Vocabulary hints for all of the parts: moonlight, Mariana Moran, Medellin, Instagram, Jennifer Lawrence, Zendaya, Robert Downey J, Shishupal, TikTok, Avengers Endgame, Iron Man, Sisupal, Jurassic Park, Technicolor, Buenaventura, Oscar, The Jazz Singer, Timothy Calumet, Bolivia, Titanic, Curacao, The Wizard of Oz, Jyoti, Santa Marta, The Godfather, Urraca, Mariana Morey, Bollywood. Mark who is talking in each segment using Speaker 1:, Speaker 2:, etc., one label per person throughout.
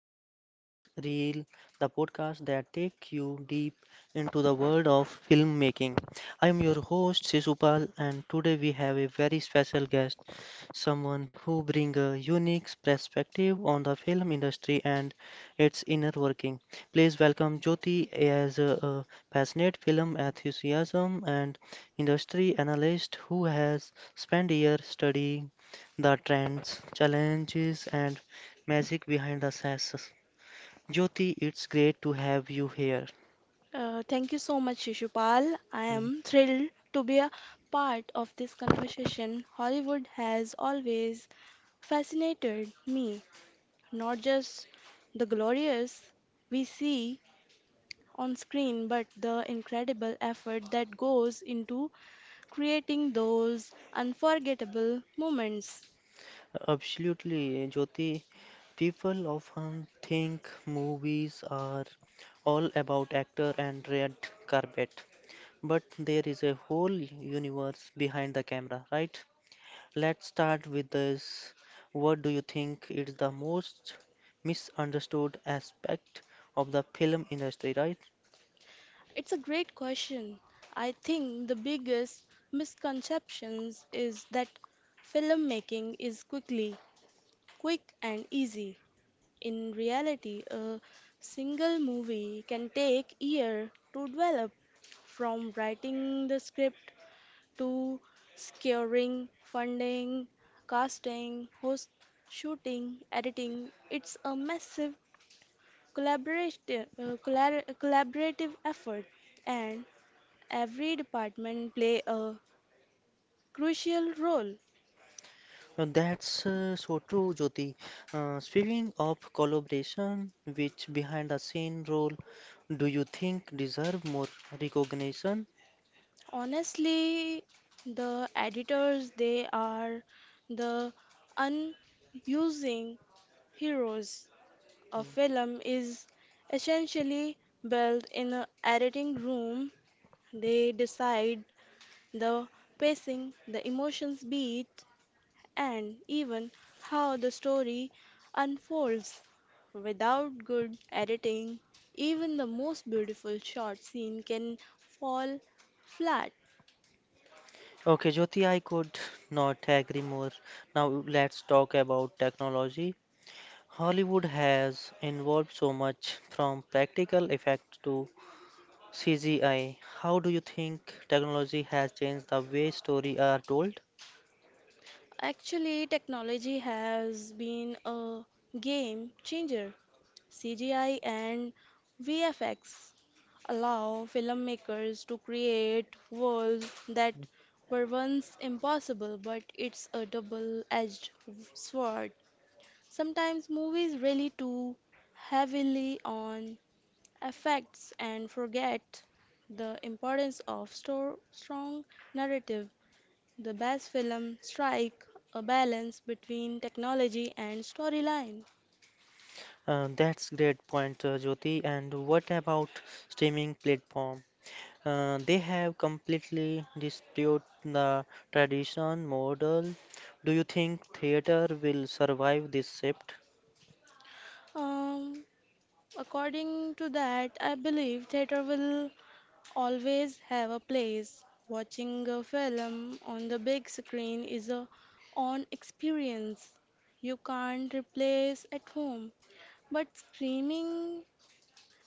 Speaker 1: to Behind the Reel, the podcast that takes you deep into the world of filmmaking. I am your host Sisupal, and today we have a very special guest, someone who brings a unique perspective on the film industry and its inner working. Please welcome Jyoti as a passionate film enthusiasm and industry analyst who has spent years studying the trends, challenges, and Magic behind the sass. Jyoti, it's great to have you here.
Speaker 2: Thank you so much, Shishupal. I
Speaker 1: Mm.
Speaker 2: am thrilled to be a part of this conversation. Hollywood has always fascinated me, not just the glorious we see on screen, but the incredible effort that goes into creating those unforgettable moments.
Speaker 1: Absolutely, Jyoti. People often think movies are all about actor and red carpet, but there is a whole universe behind the camera, right? Let's start with this. What do you think is the most misunderstood aspect of the film industry, right?
Speaker 2: It's a great question. I think the biggest misconceptions is that filmmaking is quick and easy. In reality, a single movie can take years to develop, from writing the script to securing funding, casting, host shooting, editing. It's a massive collaborative effort, and every department play a crucial role.
Speaker 1: That's so true, Jyoti. Speaking of collaboration, which behind the scene role do you think deserve more recognition?
Speaker 2: Honestly, the editors, they are the unusing heroes. A film is essentially built in an editing room. They decide the pacing, the emotions beat, and even how the story unfolds. Without good editing, even the most beautiful short scene can fall flat.
Speaker 1: Okay, Jyoti, I could not agree more. Now let's talk about technology. Hollywood has involved so much from practical effects to CGI. How do you think technology has changed the way stories are told?
Speaker 2: Actually, technology has been a game changer. CGI and VFX allow filmmakers to create worlds that were once impossible, but it's a double-edged sword. Sometimes movies rely too heavily on effects and forget the importance of strong narrative. The best film strike a balance between technology and storyline.
Speaker 1: That's great point, Jyoti. And what about streaming platform? They have completely disputed the tradition model. Do you think theater will survive this shift?
Speaker 2: Um, According to that, I believe theater will always have a place. Watching a film on the big screen is a on experience you can't replace at home. But streaming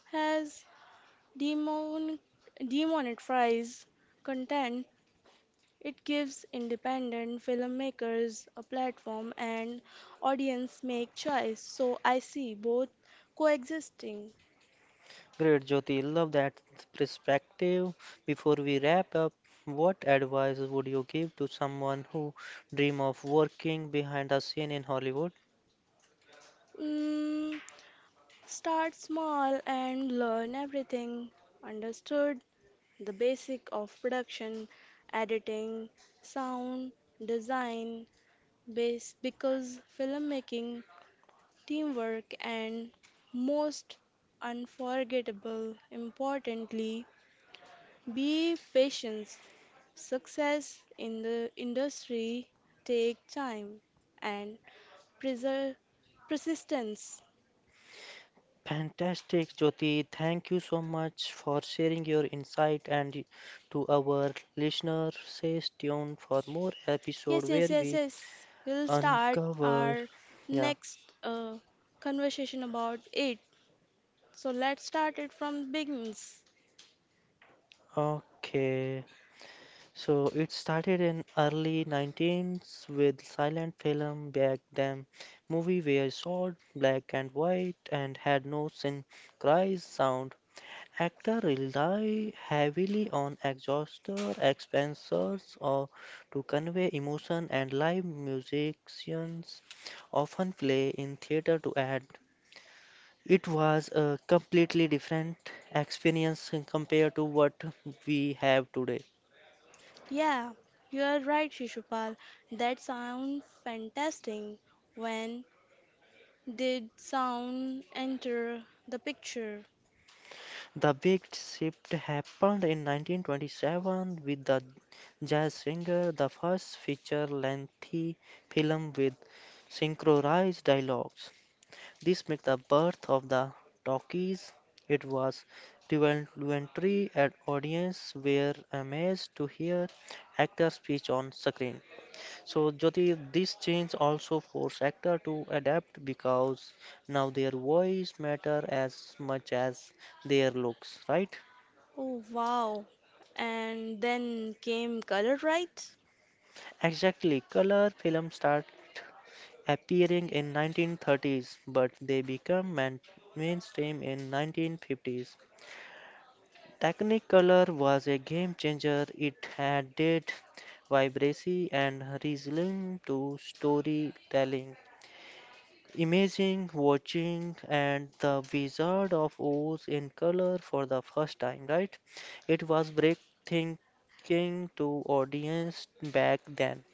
Speaker 2: has demon demonetized content. It gives independent filmmakers a platform and audience make choice. So I see both coexisting.
Speaker 1: Great, Jyoti. Love that perspective. Before we wrap up, what advice would you give to someone who dream of working behind the scene in Hollywood?
Speaker 2: Mm, Start small and learn everything. Understood the basic of production, editing, sound, design, base because filmmaking, teamwork and most unforgettable importantly be patient. Success in the industry take time and preser persistence.
Speaker 1: Fantastic, Jyoti. Thank you so much for sharing your insight. And to our listeners, stay tuned for more episode
Speaker 2: Yes, yes,
Speaker 1: where
Speaker 2: yes,
Speaker 1: we
Speaker 2: yes. We'll start
Speaker 1: uncover.
Speaker 2: our
Speaker 1: Yeah,
Speaker 2: next conversation about it. So let's start it from beginnings.
Speaker 1: okay. So it started in early 19th with silent film back then. Movie were short, black and white, and had no synchronized sound. Actors rely heavily on exoster expressors or to convey emotion, and live musicians often play in theater to add. It was a completely different experience compared to what we have today.
Speaker 2: Yeah, you are right, Shishupal. That sounds fantastic. When did sound enter the picture?
Speaker 1: The big shift happened in 1927 with the jazz singer, the first feature-length film with synchronized dialogue. This makes the birth of the talkies. It was revelatory and audience were amazed to hear actors speech on screen. So Jyoti, this change also forced actor to adapt because now their voice matter as much as their looks, right?
Speaker 2: Oh, wow. And then came color, right?
Speaker 1: Exactly, color films start appearing in 1930s, but they become mainstream in 1950s. Technicolor was a game changer. It added vibrancy and realism to storytelling. Imagine watching and the Wizard of Oz in color for the first time, right? It was breathtaking to audience back then.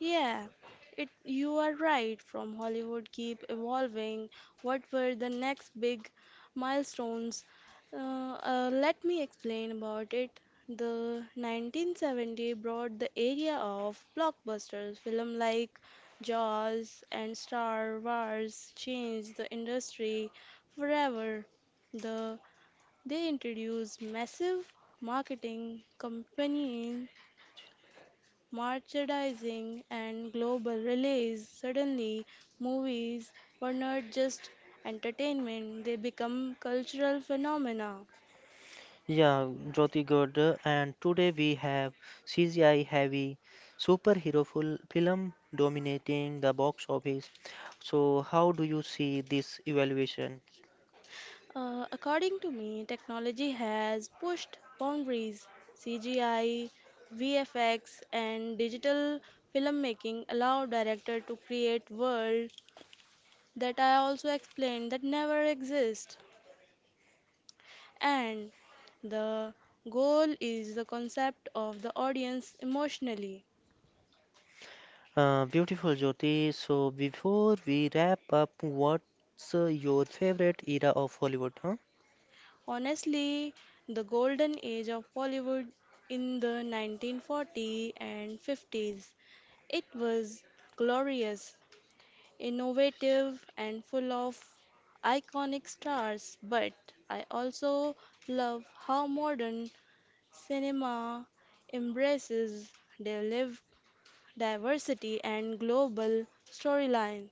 Speaker 2: Yeah, it you are right. From Hollywood keep evolving. What were the next big milestones? Let me explain about it. The 1970 brought the area of blockbusters. Film like Jaws and Star Wars changed the industry forever. The they introduced massive marketing campaigns merchandising, and global release. Suddenly, movies were not just entertainment, they become cultural phenomena.
Speaker 1: Yeah, Jyoti Gurd, and today we have CGI heavy superhero full film dominating the box office. So, how do you see this evaluation?
Speaker 2: According to me, technology has pushed boundaries. CGI, VFX, and digital filmmaking allow director to create world that I also explained that never exist. And the goal is the concept of the audience emotionally.
Speaker 1: Beautiful Jyoti. So, before we wrap up, what's your favorite era of Hollywood? Huh?
Speaker 2: Honestly, the golden age of Bollywood in the 1940s and 50s. It was glorious, innovative, and full of iconic stars, but I also love how modern cinema embraces their liv- diversity and global storyline.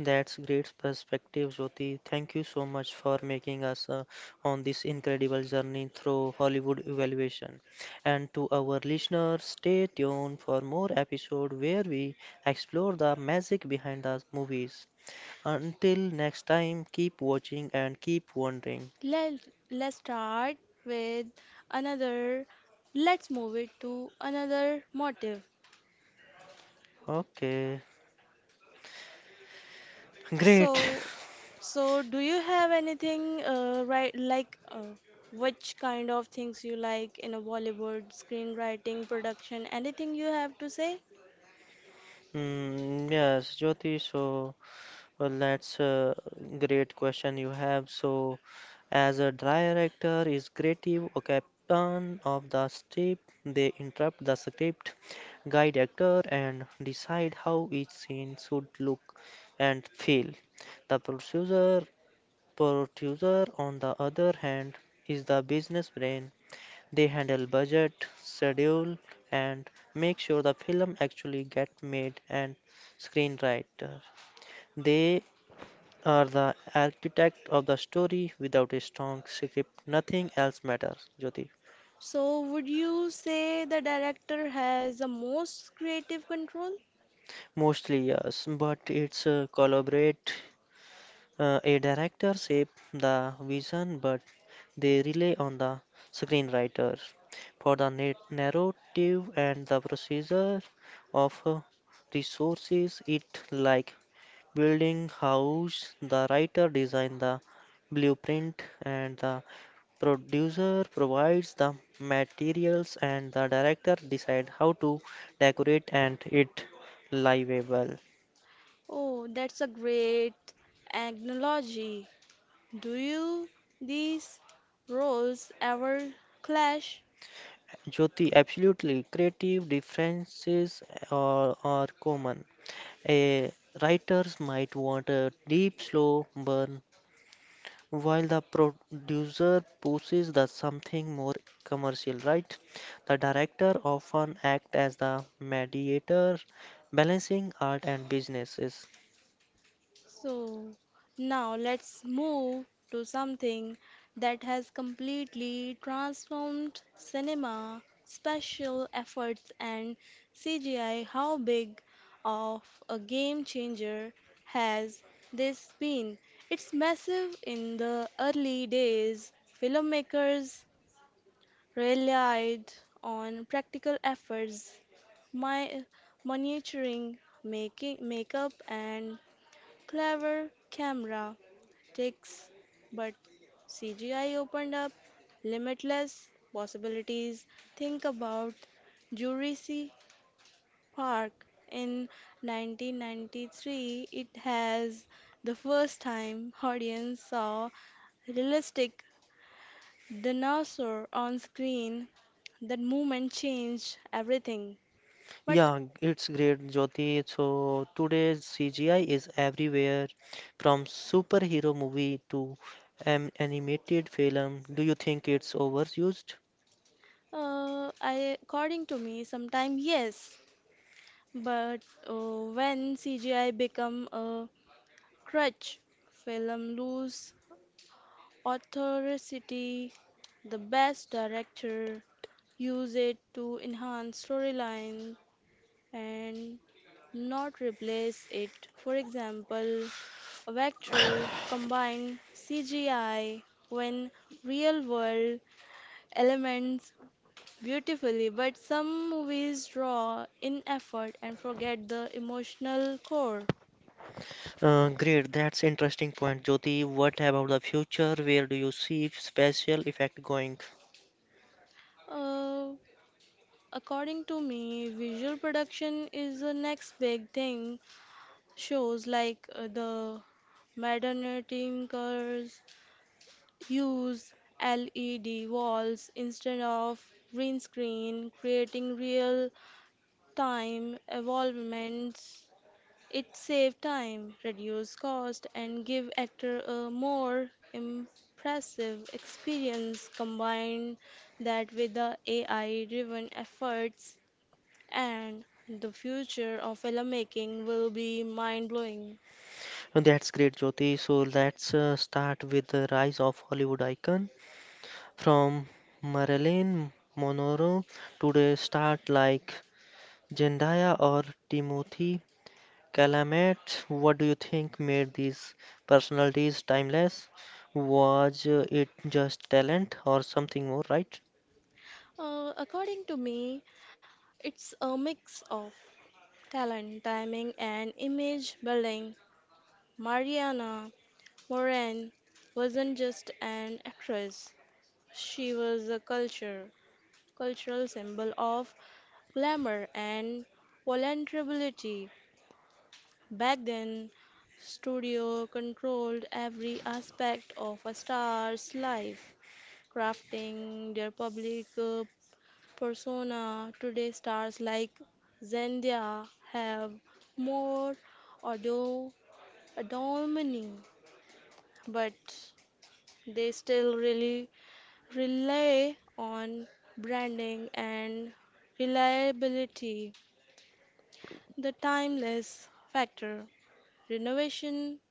Speaker 1: That's great perspective, Jyoti. Thank you so much for making us on this incredible journey through Hollywood evaluation. And to our listeners, stay tuned for more episode where we explore the magic behind the movies. Until next time, keep watching and keep wondering.
Speaker 2: Let, let's start with another. Let's move it to another motive.
Speaker 1: Okay, great.
Speaker 2: So, so do you have anything right like which kind of things you like in a Bollywood screenwriting production? Anything you have to say?
Speaker 1: Mm, yes, Jyoti. So, well, that's a great question you have. So, as a director is creative or captain of the script, they interrupt the script, guide actor, and decide how each scene should look and feel. The producer on the other hand, is the business brain. They handle budget, schedule, and make sure the film actually get made and screenwriter. They are the architect of the story. Without a strong script, nothing else matters, Jyoti.
Speaker 2: So, would you say the director has the most creative control?
Speaker 1: Mostly, yes, but it's collaborate. A director shape the vision, but they rely on the screenwriter for the narrative and the procedure of resources. It like building house. The writer design the blueprint, and the producer provides the materials, and the director decide how to decorate and it livable.
Speaker 2: Oh, that's a great analogy. Do you these roles ever clash?
Speaker 1: Jyoti, absolutely. Creative differences are common. A writers might want a deep, slow burn, while the producer pushes the something more commercial, right? The director often act as the mediator, balancing art and businesses.
Speaker 2: So now let's move to something that has completely transformed cinema, special efforts and CGI. How big of a game changer has this been? It's massive in the early days. Filmmakers relied on practical efforts my miniaturing, making makeup and clever camera tricks, but CGI opened up limitless possibilities. Think about Jurassic Park in 1993. It has the first time audience saw realistic dinosaur on screen. That moment changed everything. But
Speaker 1: Yeah, it's great, Jyoti. So today's CGI is everywhere, from superhero movie to animated film. Do you think it's overused?
Speaker 2: According to me, sometimes yes, but when CGI become a crutch, film lose authority. The best director use it to enhance storyline and not replace it. For example, a vector combine CGI when real world elements beautifully, but some movies draw in effort and forget the emotional core.
Speaker 1: Great, that's interesting point, Jyoti. What about the future? Where do you see special effect going?
Speaker 2: Uh, According to me, visual production is the next big thing. Shows like the Modernity cars use LED walls instead of green screen, creating real time evolvements. It saved time, reduced cost, and give actor a more impressive experience. Combine that with the AI-driven efforts, and the future of filmmaking will be mind-blowing.
Speaker 1: That's great, Jyoti. So let's start with the rise of Hollywood icon from Marilyn Monroe to the start like Zendaya or Timothy Calumet. What do you think made these personalities timeless? Was it just talent or something more, right?
Speaker 2: According to me, it's a mix of talent, timing, and image building. Mariana Moran wasn't just an actress; she was a culture. Cultural symbol of glamour and vulnerability. Back then, studio controlled every aspect of a star's life, crafting their public persona. Today, stars like Zendaya have more audio autonomy, but they still really rely on branding and reliability. The timeless factor. Renovation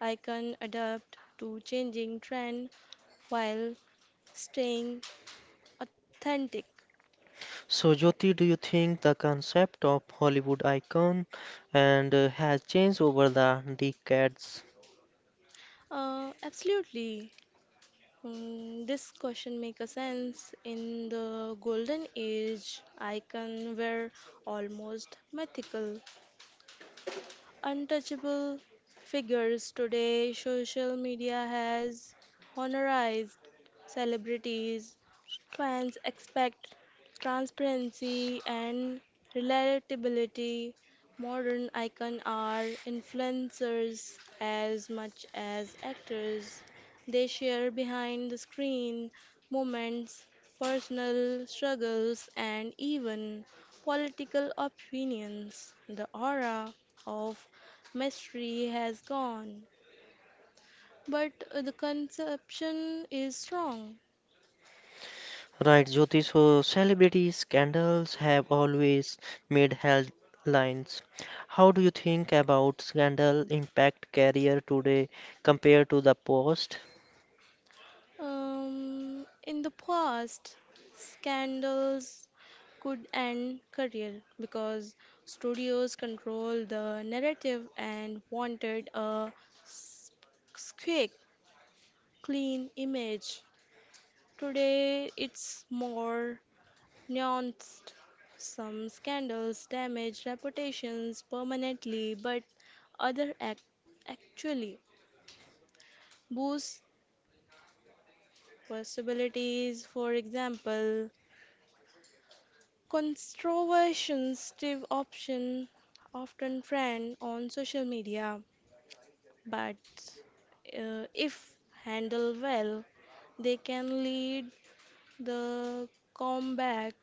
Speaker 2: icons adapt to changing trend while staying authentic.
Speaker 1: So, Jyoti, do you think the concept of Hollywood icon and has changed over the decades?
Speaker 2: Absolutely. This question makes sense. In the golden age, icons were almost mythical. Untouchable figures. Today, social media has honorized celebrities. Fans expect transparency and relatability. Modern icons are influencers as much as actors. They share behind the screen moments, personal struggles, and even political opinions. The aura of mystery has gone, but the conception is strong.
Speaker 1: Right, Jyoti, so celebrity scandals have always made headlines. How do you think about scandal impact career today compared to the past?
Speaker 2: In the past, scandals could end career because studios control the narrative and wanted a s- quick, clean image. Today, it's more nuanced. Some scandals damage reputations permanently, but other actually boost possibilities. For example, controversial Steve option often trend on social media, but if handled well, they can lead the comeback.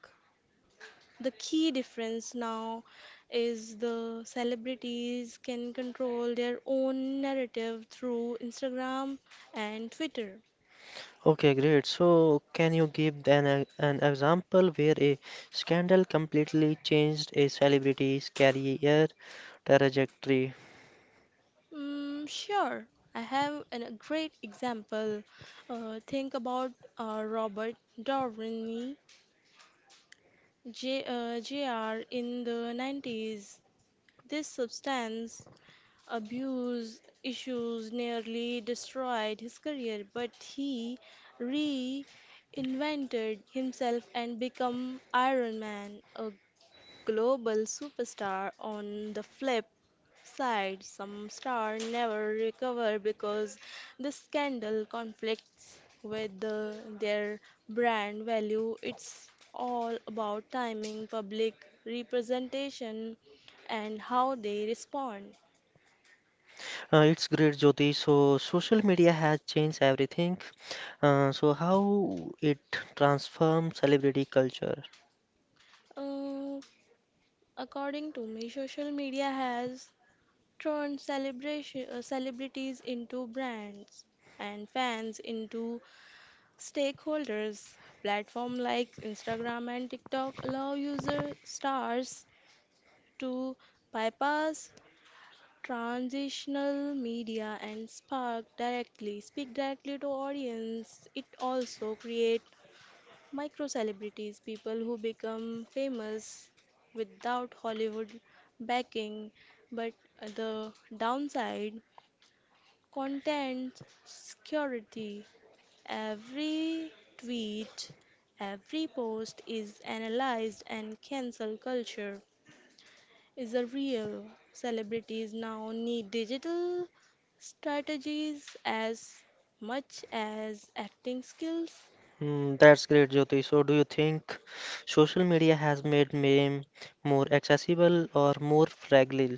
Speaker 2: The key difference now is the celebrities can control their own narrative through Instagram and Twitter.
Speaker 1: Okay, great. So, can you give an example where a scandal completely changed a celebrity's career trajectory?
Speaker 2: Sure, I have a great example. Think about Robert Downey Jr. in the 90s. This substance abuse issues nearly destroyed his career, but he reinvented himself and became Iron Man, a global superstar. On the flip side, some stars never recover because the scandal conflicts with their brand value. It's all about timing, public representation, and how they respond.
Speaker 1: It's great, Jyoti. So, social media has changed everything. So, how it transformed celebrity culture?
Speaker 2: Uh, According to me, social media has turned celebrities into brands and fans into stakeholders. Platforms like Instagram and TikTok allow user stars to bypass transitional media and spark directly speak directly to audience. It also create micro celebrities, people who become famous without Hollywood backing, but the downside content security. Every tweet, every post is analyzed, and cancel culture is a real. Celebrities now need digital strategies as much as acting skills.
Speaker 1: Hmm, that's great, Jyoti. So, do you think social media has made meme more accessible or more fragile?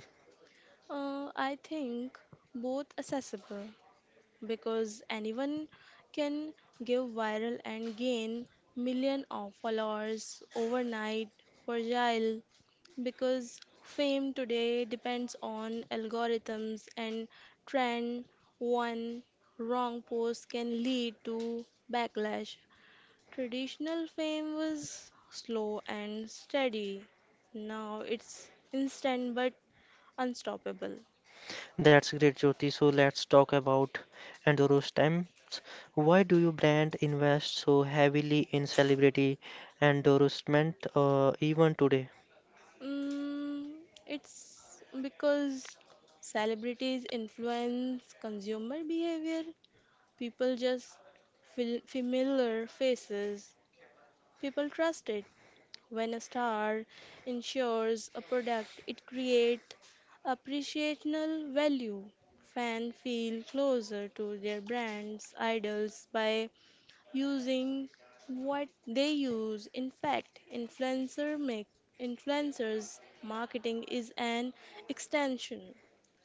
Speaker 2: I think both accessible, because anyone can give viral and gain million of followers overnight, fragile because fame today depends on algorithms and trend. One wrong post can lead to backlash. Traditional fame was slow and steady, now it's instant but unstoppable.
Speaker 1: That's great, Jyoti. So let's talk about Enduro stamps. Why do you brand invest so heavily in celebrity endorsement even today?
Speaker 2: Mm, it's because celebrities influence consumer behavior. People just feel familiar faces. People trust it. When a star ensures a product, it creates appreciational value. Fans feel closer to their brands, idols by using what they use. In fact, influencers marketing is an extension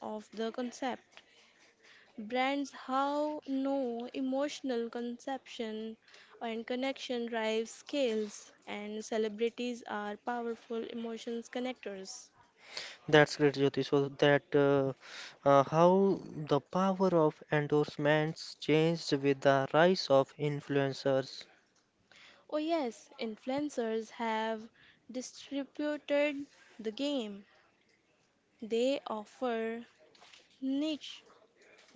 Speaker 2: of the concept. Brands how know emotional conception and connection drive scales, and celebrities are powerful emotions connectors.
Speaker 1: That's great, Jyoti. So that how the power of endorsements changed with the rise of influencers.
Speaker 2: Oh yes, influencers have distributed the game. They offer niche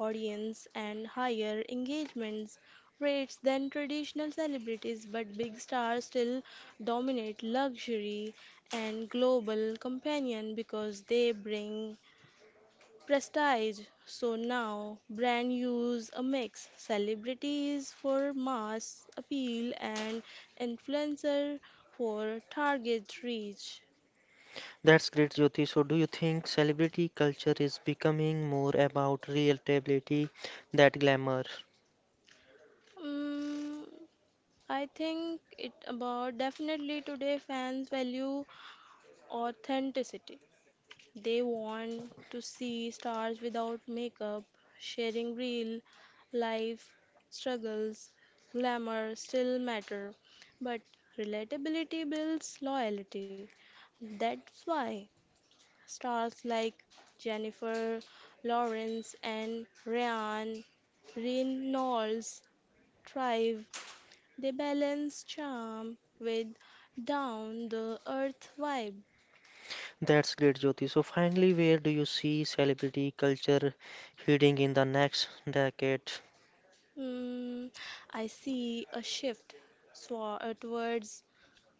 Speaker 2: audience and higher engagement rates than traditional celebrities, but big stars still dominate luxury and global companion because they bring prestige. So now brand use a mix celebrities for mass appeal and influencer for target reach.
Speaker 1: That's great, Jyoti. So do you think celebrity culture is becoming more about relatability than glamour?
Speaker 2: Mm, I think it about definitely today fans value authenticity. They want to see stars without makeup, sharing real life struggles. Glamour still matter, but relatability builds loyalty. That's why stars like Jennifer Lawrence and Ryan Reynolds thrive. They balance charm with down the earth vibe.
Speaker 1: That's great, Jyoti. So finally, where do you see celebrity culture heading in the next decade?
Speaker 2: Mm, I see a shift towards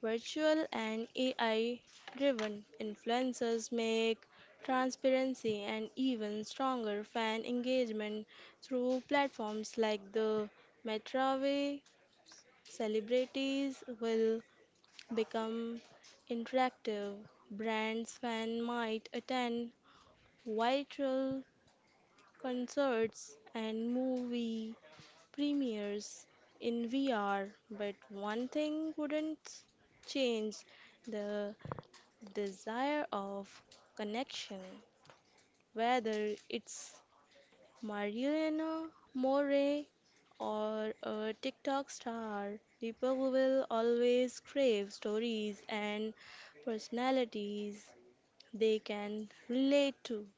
Speaker 2: virtual and AI-driven influencers make transparency and even stronger fan engagement through platforms like the Metaway. Celebrities will become interactive. Brands fan might attend virtual concerts and movie premieres in VR, but one thing wouldn't change the desire of connection, whether it's Mariana Morey or a TikTok star. People will always crave stories and personalities they can relate to.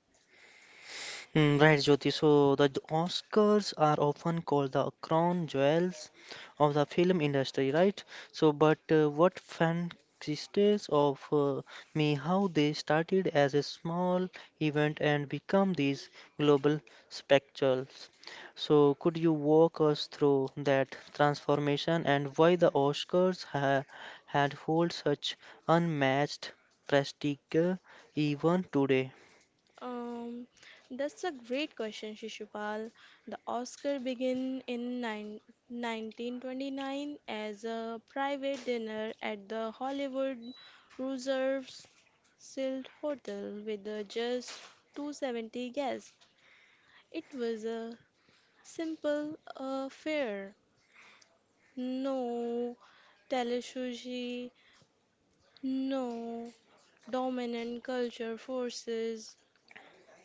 Speaker 1: Mm, right, Jyoti. So the Oscars are often called the crown jewels of the film industry, right? So, but what fancies of me how they started as a small event and become these global spectacles. So, could you walk us through that transformation and why the Oscars ha had hold such unmatched prestige even today?
Speaker 2: Um, that's a great question, Shishupal. The Oscar began in 1929 as a private dinner at the Hollywood Reserve's Silt Hotel with just 270 guests. It was a simple affair. No telesushi, no dominant culture forces,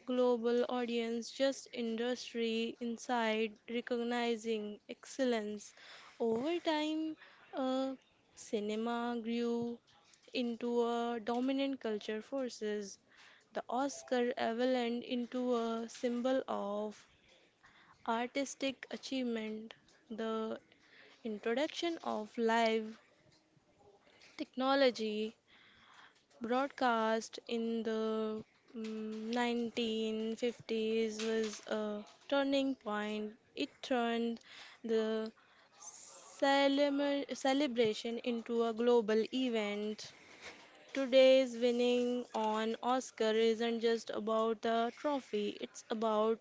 Speaker 2: global audience just industry inside recognizing excellence over time. uh, cinema grew into a dominant culture forces. The oscar evolved into a symbol of artistic achievement. The introduction of live technology broadcast in the 1950s was a turning point. It turned the celebration into a global event. Today's winning on Oscar isn't just about the trophy, it's about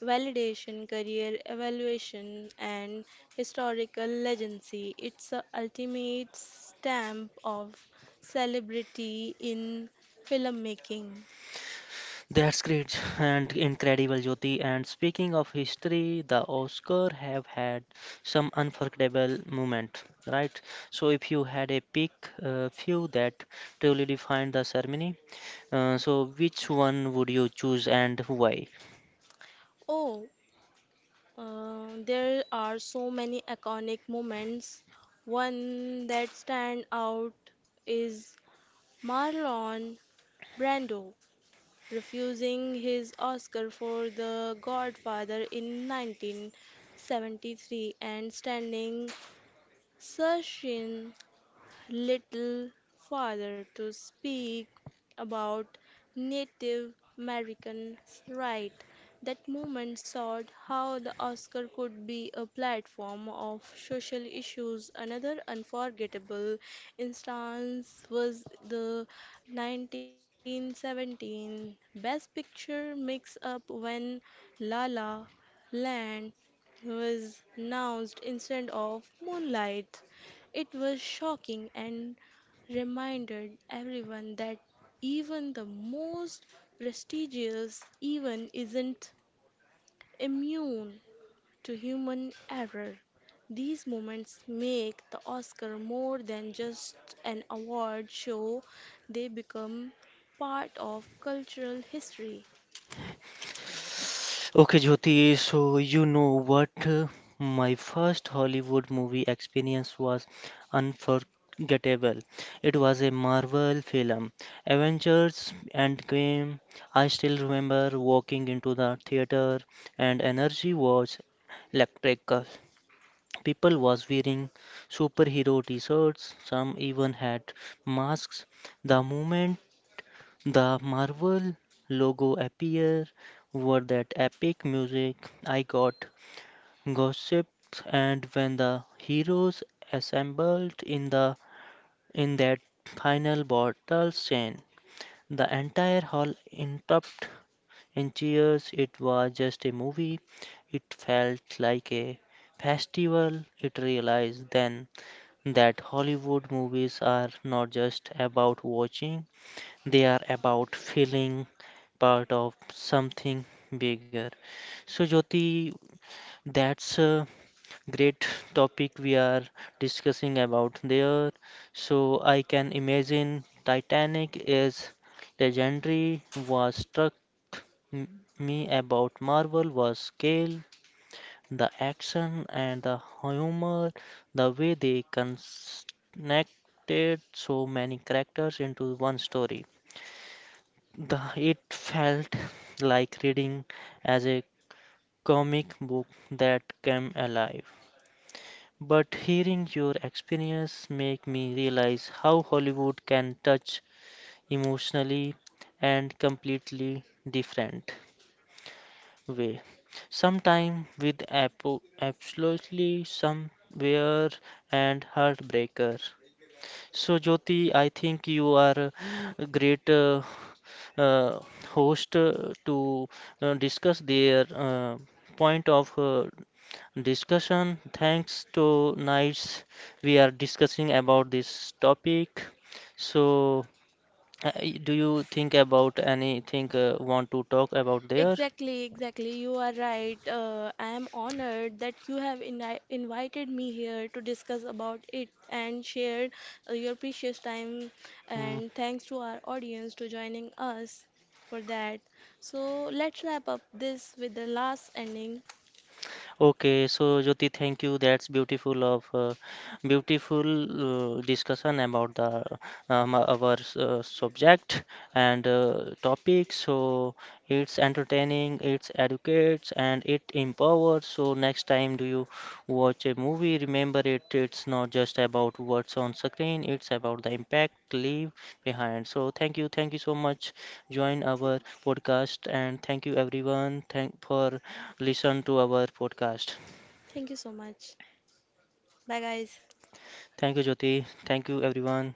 Speaker 2: validation, career evaluation, and historical legacy. It's the ultimate stamp of celebrity in filmmaking.
Speaker 1: That's great and incredible, Jyoti. And speaking of history, the Oscar have had some unforgettable moment, right? So if you had a pick few that truly defined the ceremony, so which one would you choose and why?
Speaker 2: Oh, there are so many iconic moments. One that stand out is Marlon Brando refusing his Oscar for The Godfather in 1973 and standing Sashin little farther to speak about Native Americans' rights. That movement showed how the Oscar could be a platform of social issues. Another unforgettable instance was the 1917 Best Picture mix-up when La La Land was announced instead of moonlight. It was shocking and reminded everyone that even the most prestigious event isn't immune to human error. These moments make the Oscar more than just an award show, they become part of cultural history.
Speaker 1: Okay, Jyoti, so you know what? My first Hollywood movie experience was unforgettable. It was a Marvel film, Avengers Endgame. I still remember walking into the theater and energy was electrical. People was wearing superhero t-shirts, some even had masks. The moment the Marvel logo appear were that epic music, I got gossiped, and when the heroes assembled in the in that final battle scene, the entire hall interrupt in cheers. It was just a movie, it felt like a festival. It realized then that Hollywood movies are not just about watching, they are about feeling part of something bigger. So, Jyoti, that's a great topic we are discussing about there. So, I can imagine Titanic is legendary. Was struck me about Marvel was scale, the action and the humor, the way they connected so many characters into one story. The, it felt like reading as a comic book that came alive. But hearing your experience make me realize how Hollywood can touch emotionally and completely different way. Sometime with absolutely somewhere and heartbreaker. So Jyoti, I think you are a great uh, host to discuss their point of discussion. Thanks to Nights, we are discussing about this topic. So, uh, do you think about anything want to talk about there?
Speaker 2: Exactly, exactly. You are right. I am honored that you have ini invited me here to discuss about it and share your precious time.
Speaker 1: Mm.
Speaker 2: And thanks to our audience to joining us for that. So let's wrap up this with the last ending.
Speaker 1: Okay, so Jyoti, thank you. That's beautiful discussion about the our subject and topic. So it's entertaining, it's educates, and it empowers. So next time, do you watch a movie? Remember it. It's not just about what's on screen. It's about the impact leave behind. So thank you so much. Join our podcast and thank you everyone. Thank for listen to our podcast.
Speaker 2: Thank you so much. Bye, guys.
Speaker 1: Thank you, Jyoti. Thank you, everyone.